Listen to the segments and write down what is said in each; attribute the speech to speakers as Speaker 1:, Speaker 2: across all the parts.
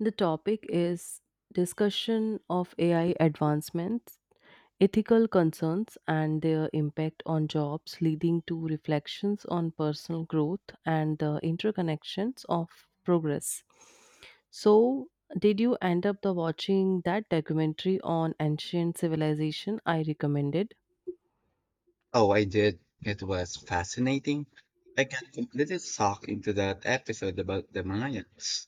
Speaker 1: The topic is discussion of AI advancements, ethical concerns, and their impact on jobs, leading to reflections on personal growth and the interconnections of progress. So, did you end up the watching that documentary on ancient civilization I recommended?
Speaker 2: Oh, I did. It was fascinating. I got completely sucked into that episode about the Mayans.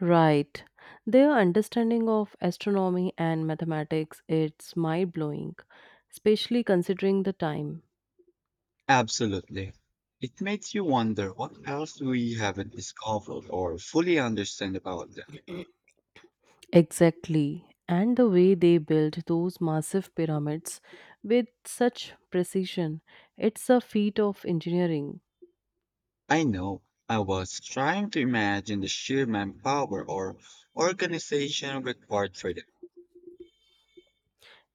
Speaker 1: Right. Their understanding of astronomy and mathematics it's mind-blowing, especially considering the time.
Speaker 2: Absolutely. It makes you wonder what else we haven't discovered or fully understand about them.
Speaker 1: Exactly. And the way they built those massive pyramids with such precision, it's a feat of engineering.
Speaker 2: I know I was trying to imagine the sheer manpower or organization required for them.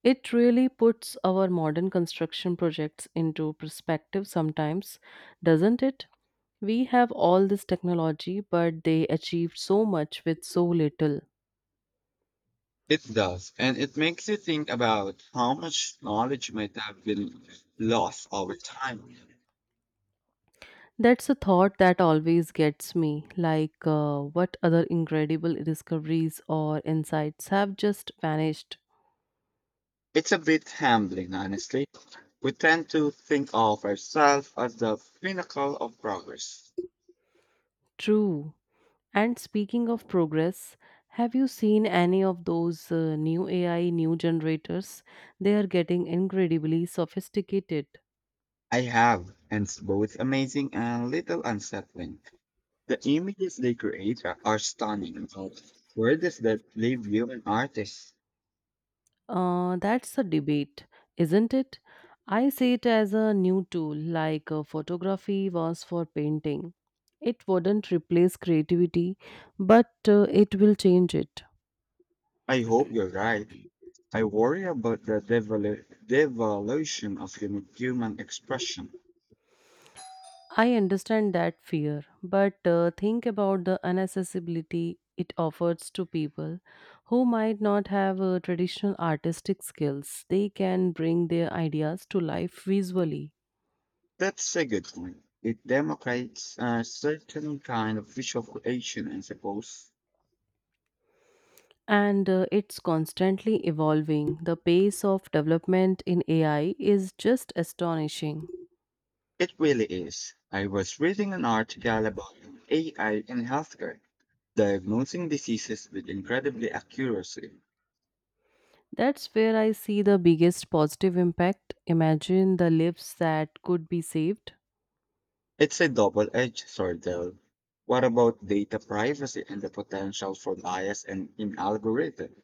Speaker 1: It really puts our modern construction projects into perspective sometimes, doesn't it? We have all this technology, but they achieved so much with so little.
Speaker 2: It does, and it makes you think about how much knowledge might have been lost over time.
Speaker 1: That's a thought that always gets me like, what other incredible discoveries or insights have just vanished?
Speaker 2: It's a bit humbling, honestly. We tend to think of ourselves as the pinnacle of progress.
Speaker 1: True. And speaking of progress, have you seen any of those new AI, new generators? They are getting incredibly sophisticated.
Speaker 2: I have, and it's both amazing and a little unsettling. The images they create are stunning, but where does that leave human artists?
Speaker 1: That's a debate, isn't it? I see it as a new tool, like photography was for painting. It wouldn't replace creativity, but it will change it.
Speaker 2: I hope you're right. I worry about the devolution of human expression.
Speaker 1: I understand that fear, but think about the inaccessibility it offers to people who might not have traditional artistic skills. They can bring their ideas to life visually.
Speaker 2: That's a good point. It democrates a certain kind of visual creation, I suppose.
Speaker 1: And it's constantly evolving. The pace of development in AI is just astonishing.
Speaker 2: It really is. I was reading an article about AI in healthcare, diagnosing diseases with incredibly accuracy.
Speaker 1: That's where I see the biggest positive impact. Imagine the lives that could be saved.
Speaker 2: It's a double-edged sword, though. What about data privacy and the potential for bias and in algorithm?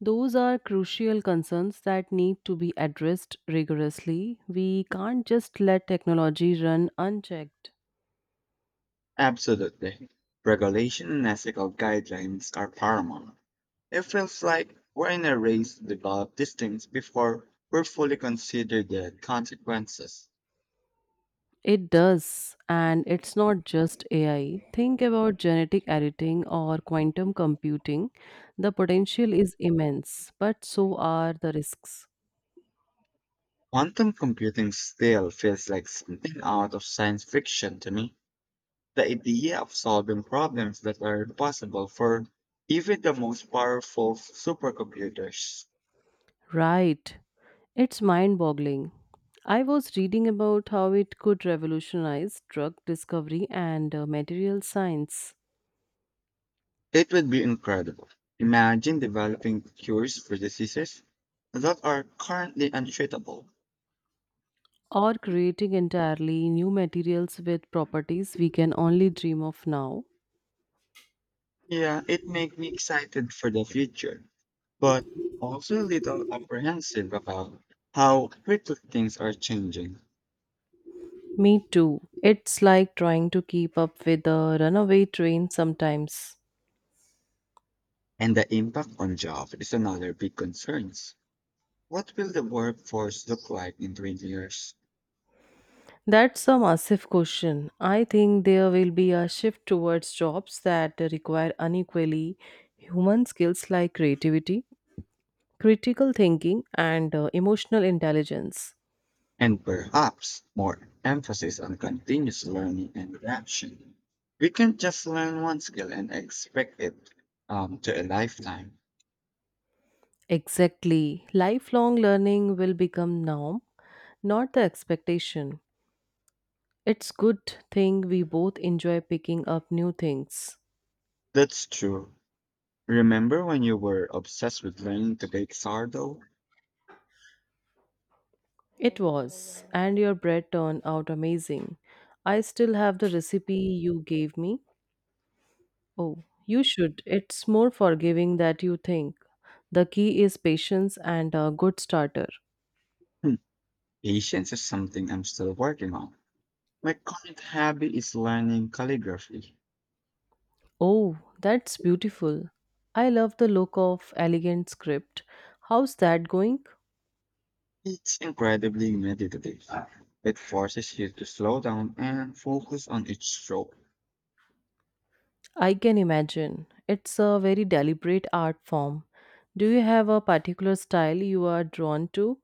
Speaker 1: Those are crucial concerns that need to be addressed rigorously. We can't just let technology run unchecked.
Speaker 2: Absolutely. Regulation and ethical guidelines are paramount. It feels like we're in a race to develop these things before we're fully considered the consequences.
Speaker 1: It does, and it's not just AI. Think about genetic editing or quantum computing. The potential is immense, but so are the risks.
Speaker 2: Quantum computing still feels like something out of science fiction to me. The idea of solving problems that are impossible for even the most powerful supercomputers.
Speaker 1: Right. It's mind boggling. I was reading about how it could revolutionize drug discovery and material science.
Speaker 2: It would be incredible. Imagine developing cures for diseases that are currently untreatable.
Speaker 1: Or creating entirely new materials with properties we can only dream of now.
Speaker 2: Yeah, it makes me excited for the future, but also a little apprehensive about how quickly things are changing.
Speaker 1: Me too. It's like trying to keep up with a runaway train sometimes.
Speaker 2: And the impact on jobs is another big concern. What will the workforce look like in 20 years?
Speaker 1: That's a massive question. I think there will be a shift towards jobs that require unequally human skills like creativity, critical thinking, and emotional intelligence.
Speaker 2: And perhaps more emphasis on continuous learning and adaptation. We can't just learn one skill and expect it to a lifetime.
Speaker 1: Exactly. Lifelong learning will become norm, not the expectation. It's good thing we both enjoy picking up new things.
Speaker 2: That's true. Remember when you were obsessed with learning to bake sourdough?
Speaker 1: It was, and your bread turned out amazing. I still have the recipe you gave me. Oh, you should. It's more forgiving than you think. The key is patience and a good starter.
Speaker 2: Hmm, patience is something I'm still working on. My current hobby is learning calligraphy.
Speaker 1: Oh, that's beautiful. I love the look of elegant script. How's that going?
Speaker 2: It's incredibly meditative. It forces you to slow down and focus on each stroke.
Speaker 1: I can imagine. It's a very deliberate art form. Do you have a particular style you are drawn to?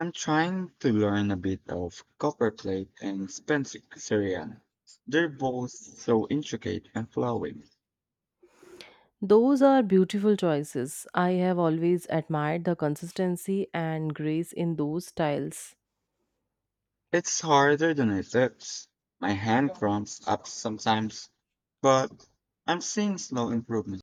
Speaker 2: I'm trying to learn a bit of copperplate and Spencerian. They're both so intricate and flowing.
Speaker 1: Those are beautiful choices. I have always admired the consistency and grace in those styles.
Speaker 2: It's harder than it looks. My hand cramps up sometimes, but I'm seeing slow improvement.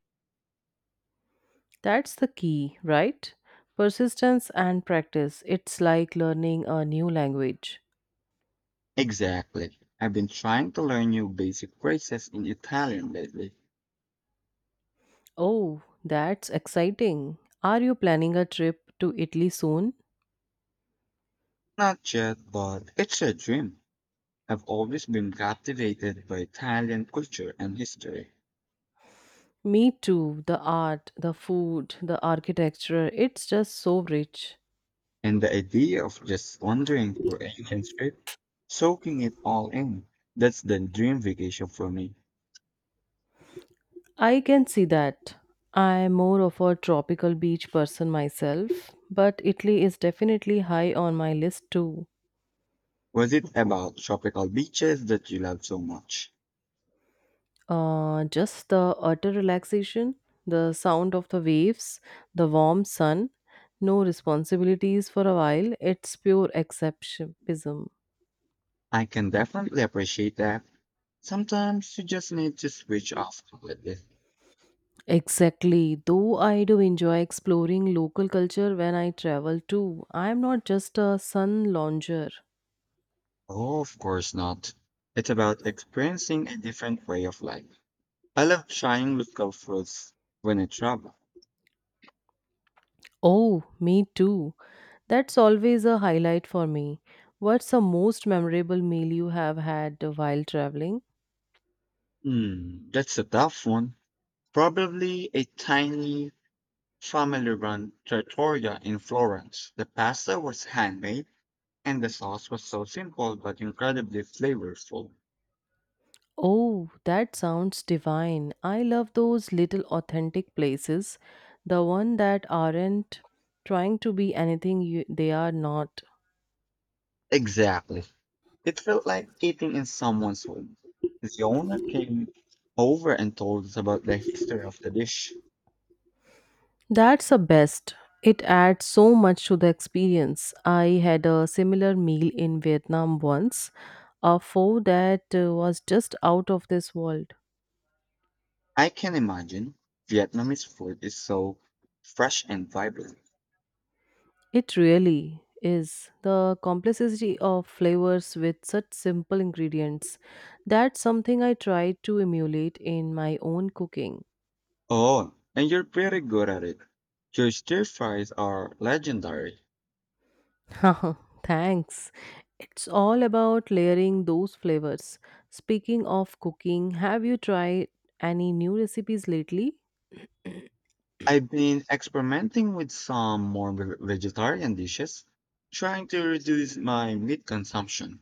Speaker 1: That's the key, right? Persistence and practice. It's like learning a new language.
Speaker 2: Exactly. I've been trying to learn new basic phrases in Italian lately.
Speaker 1: Oh, that's exciting. Are you planning a trip to Italy soon?
Speaker 2: Not yet, but it's a dream. I've always been captivated by Italian culture and history.
Speaker 1: Me too. The art, the food, the architecture, it's just so rich.
Speaker 2: And the idea of just wandering through a hidden strip, soaking it all in, that's the dream vacation for me.
Speaker 1: I can see that. I'm more of a tropical beach person myself, but Italy is definitely high on my list too.
Speaker 2: Was it about tropical beaches that you love so much?
Speaker 1: Just the utter relaxation, the sound of the waves, the warm sun, no responsibilities for a while. It's pure escapism.
Speaker 2: I can definitely appreciate that. Sometimes you just need to switch off completely.
Speaker 1: Exactly. Though I do enjoy exploring local culture when I travel too, I am not just a sun lounger.
Speaker 2: Oh, of course not. It's about experiencing a different way of life. I love trying local foods when I travel.
Speaker 1: Oh, me too. That's always a highlight for me. What's the most memorable meal you have had while traveling?
Speaker 2: Hmm, that's a tough one. Probably a tiny family run trattoria in Florence. The pasta was handmade and the sauce was so simple but incredibly flavorful.
Speaker 1: Oh, that sounds divine. I love those little authentic places, the one that aren't trying to be anything you, they are not.
Speaker 2: Exactly. It felt like eating in someone's home. The owner came over and told us about the history of the dish.
Speaker 1: That's the best. It adds so much to the experience. I had a similar meal in Vietnam once, a pho that was just out of this world.
Speaker 2: I can imagine Vietnamese food is so fresh and vibrant.
Speaker 1: It really is. The complexity of flavors with such simple ingredients. That's something I try to emulate in my own cooking.
Speaker 2: Oh, and you're pretty good at it. Your stir fries are legendary.
Speaker 1: Thanks. It's all about layering those flavors. Speaking of cooking, have you tried any new recipes lately?
Speaker 2: I've been experimenting with some more vegetarian dishes, trying to reduce my meat consumption.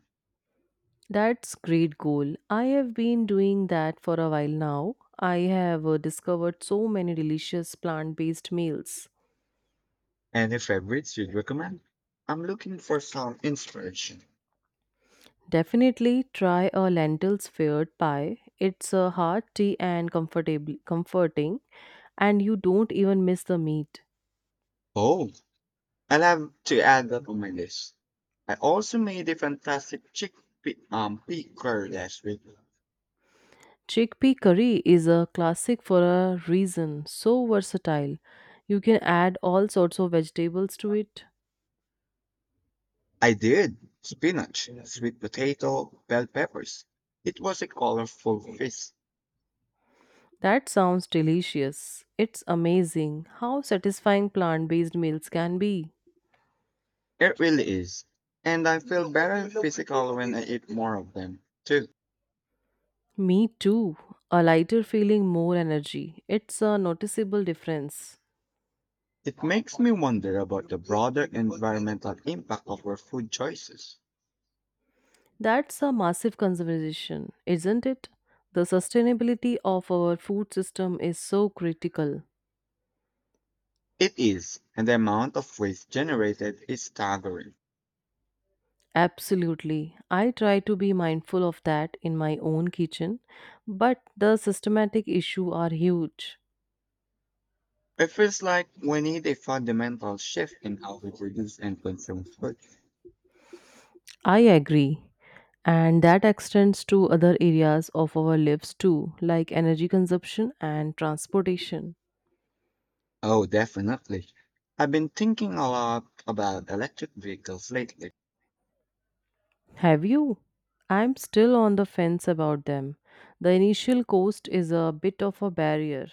Speaker 1: That's great goal. I have been doing that for a while now. I have discovered so many delicious plant-based meals.
Speaker 2: Any favorites you'd recommend? I'm looking for some inspiration.
Speaker 1: Definitely try a lentils fired pie. It's a hearty and comfortable comforting and you don't even miss the meat.
Speaker 2: Oh, I'll have to add that on my list. I also made a fantastic chickpea pea curry last week.
Speaker 1: Chickpea curry is a classic for a reason, so versatile. You can add all sorts of vegetables to it.
Speaker 2: I did spinach, sweet potato, bell peppers. It was a colorful feast.
Speaker 1: That sounds delicious. It's amazing how satisfying plant based meals can be.
Speaker 2: It really is. And I feel better physical when I eat more of them, too.
Speaker 1: Me too. A lighter feeling, more energy. It's a noticeable difference.
Speaker 2: It makes me wonder about the broader environmental impact of our food choices.
Speaker 1: That's a massive conservation, isn't it? The sustainability of our food system is so critical.
Speaker 2: It is, and the amount of waste generated is staggering.
Speaker 1: Absolutely. I try to be mindful of that in my own kitchen, but the systematic issue are huge.
Speaker 2: It feels like we need a fundamental shift in how we produce and consume food.
Speaker 1: I agree. And that extends to other areas of our lives too, like energy consumption and transportation.
Speaker 2: Oh, definitely. I've been thinking a lot about electric vehicles lately.
Speaker 1: Have you? I'm still on the fence about them. The initial cost is a bit of a barrier.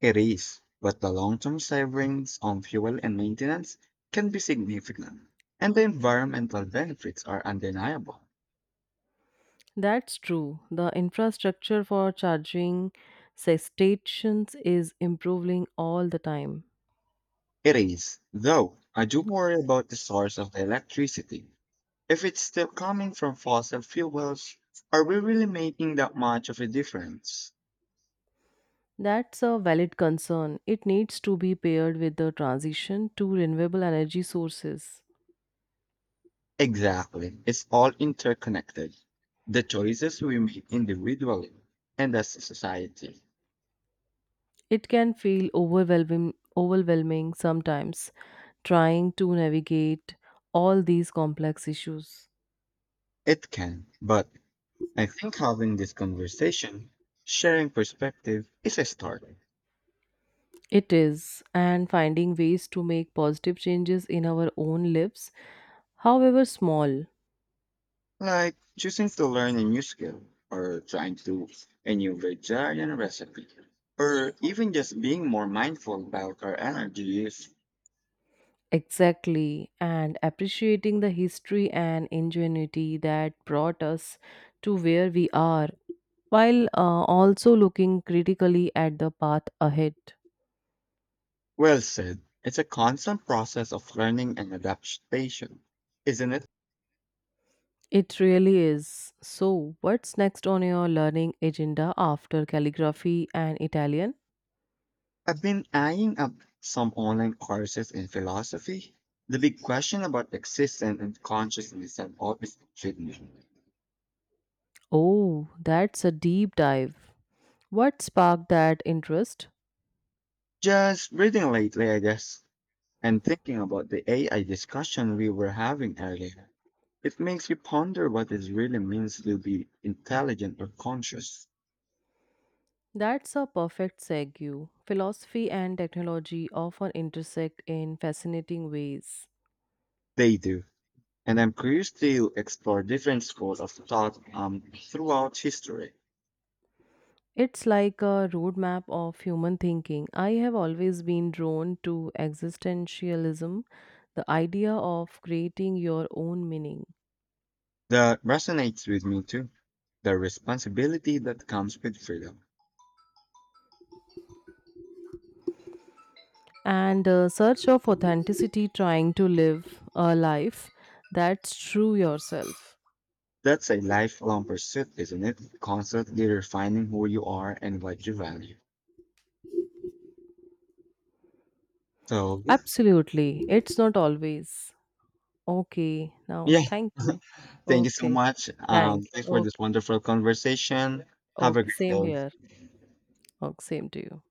Speaker 2: It is, but the long-term savings on fuel and maintenance can be significant, and the environmental benefits are undeniable.
Speaker 1: That's true. The infrastructure for charging say, stations is improving all the time.
Speaker 2: It is, though I do worry about the source of the electricity. If it's still coming from fossil fuels, are we really making that much of a difference?
Speaker 1: That's a valid concern. It needs to be paired with the transition to renewable energy sources.
Speaker 2: Exactly. It's all interconnected. The choices we make individually and as a society.
Speaker 1: It can feel overwhelming sometimes trying to navigate all these complex issues.
Speaker 2: It can, but I think having this conversation, sharing perspective, is a start.
Speaker 1: It is, and finding ways to make positive changes in our own lives, however small.
Speaker 2: Like choosing to learn a new skill, or trying to a new vegetarian recipe, or even just being more mindful about our energy use.
Speaker 1: Exactly, and appreciating the history and ingenuity that brought us to where we are, while also looking critically at the path ahead.
Speaker 2: Well said. It's a constant process of learning and adaptation, isn't it?
Speaker 1: It really is. So, what's next on your learning agenda after calligraphy and Italian?
Speaker 2: I've been eyeing up some online courses in philosophy. The big question about existence and consciousness have always intrigued me.
Speaker 1: Oh, that's a deep dive. What sparked that interest?
Speaker 2: Just reading lately, I guess, and thinking about the AI discussion we were having earlier. It makes you ponder what it really means to be intelligent or conscious.
Speaker 1: That's a perfect segue. Philosophy and technology often intersect in fascinating ways.
Speaker 2: They do. And I'm curious to explore different schools of thought throughout history.
Speaker 1: It's like a roadmap of human thinking. I have always been drawn to existentialism, the idea of creating your own meaning.
Speaker 2: That resonates with me too. The responsibility that comes with freedom.
Speaker 1: And a search of authenticity trying to live a life that's true yourself.
Speaker 2: That's a lifelong pursuit, isn't it? Constantly refining who you are and what you value. So,
Speaker 1: Absolutely, it's not always. Okay, now
Speaker 2: yeah,
Speaker 1: thank you.
Speaker 2: thank you so
Speaker 1: Okay,
Speaker 2: much,
Speaker 1: thank
Speaker 2: thanks
Speaker 1: you.
Speaker 2: for this
Speaker 1: Okay.
Speaker 2: wonderful conversation. Have a
Speaker 1: Okay,
Speaker 2: great
Speaker 1: same
Speaker 2: day.
Speaker 1: here. Okay, same to you.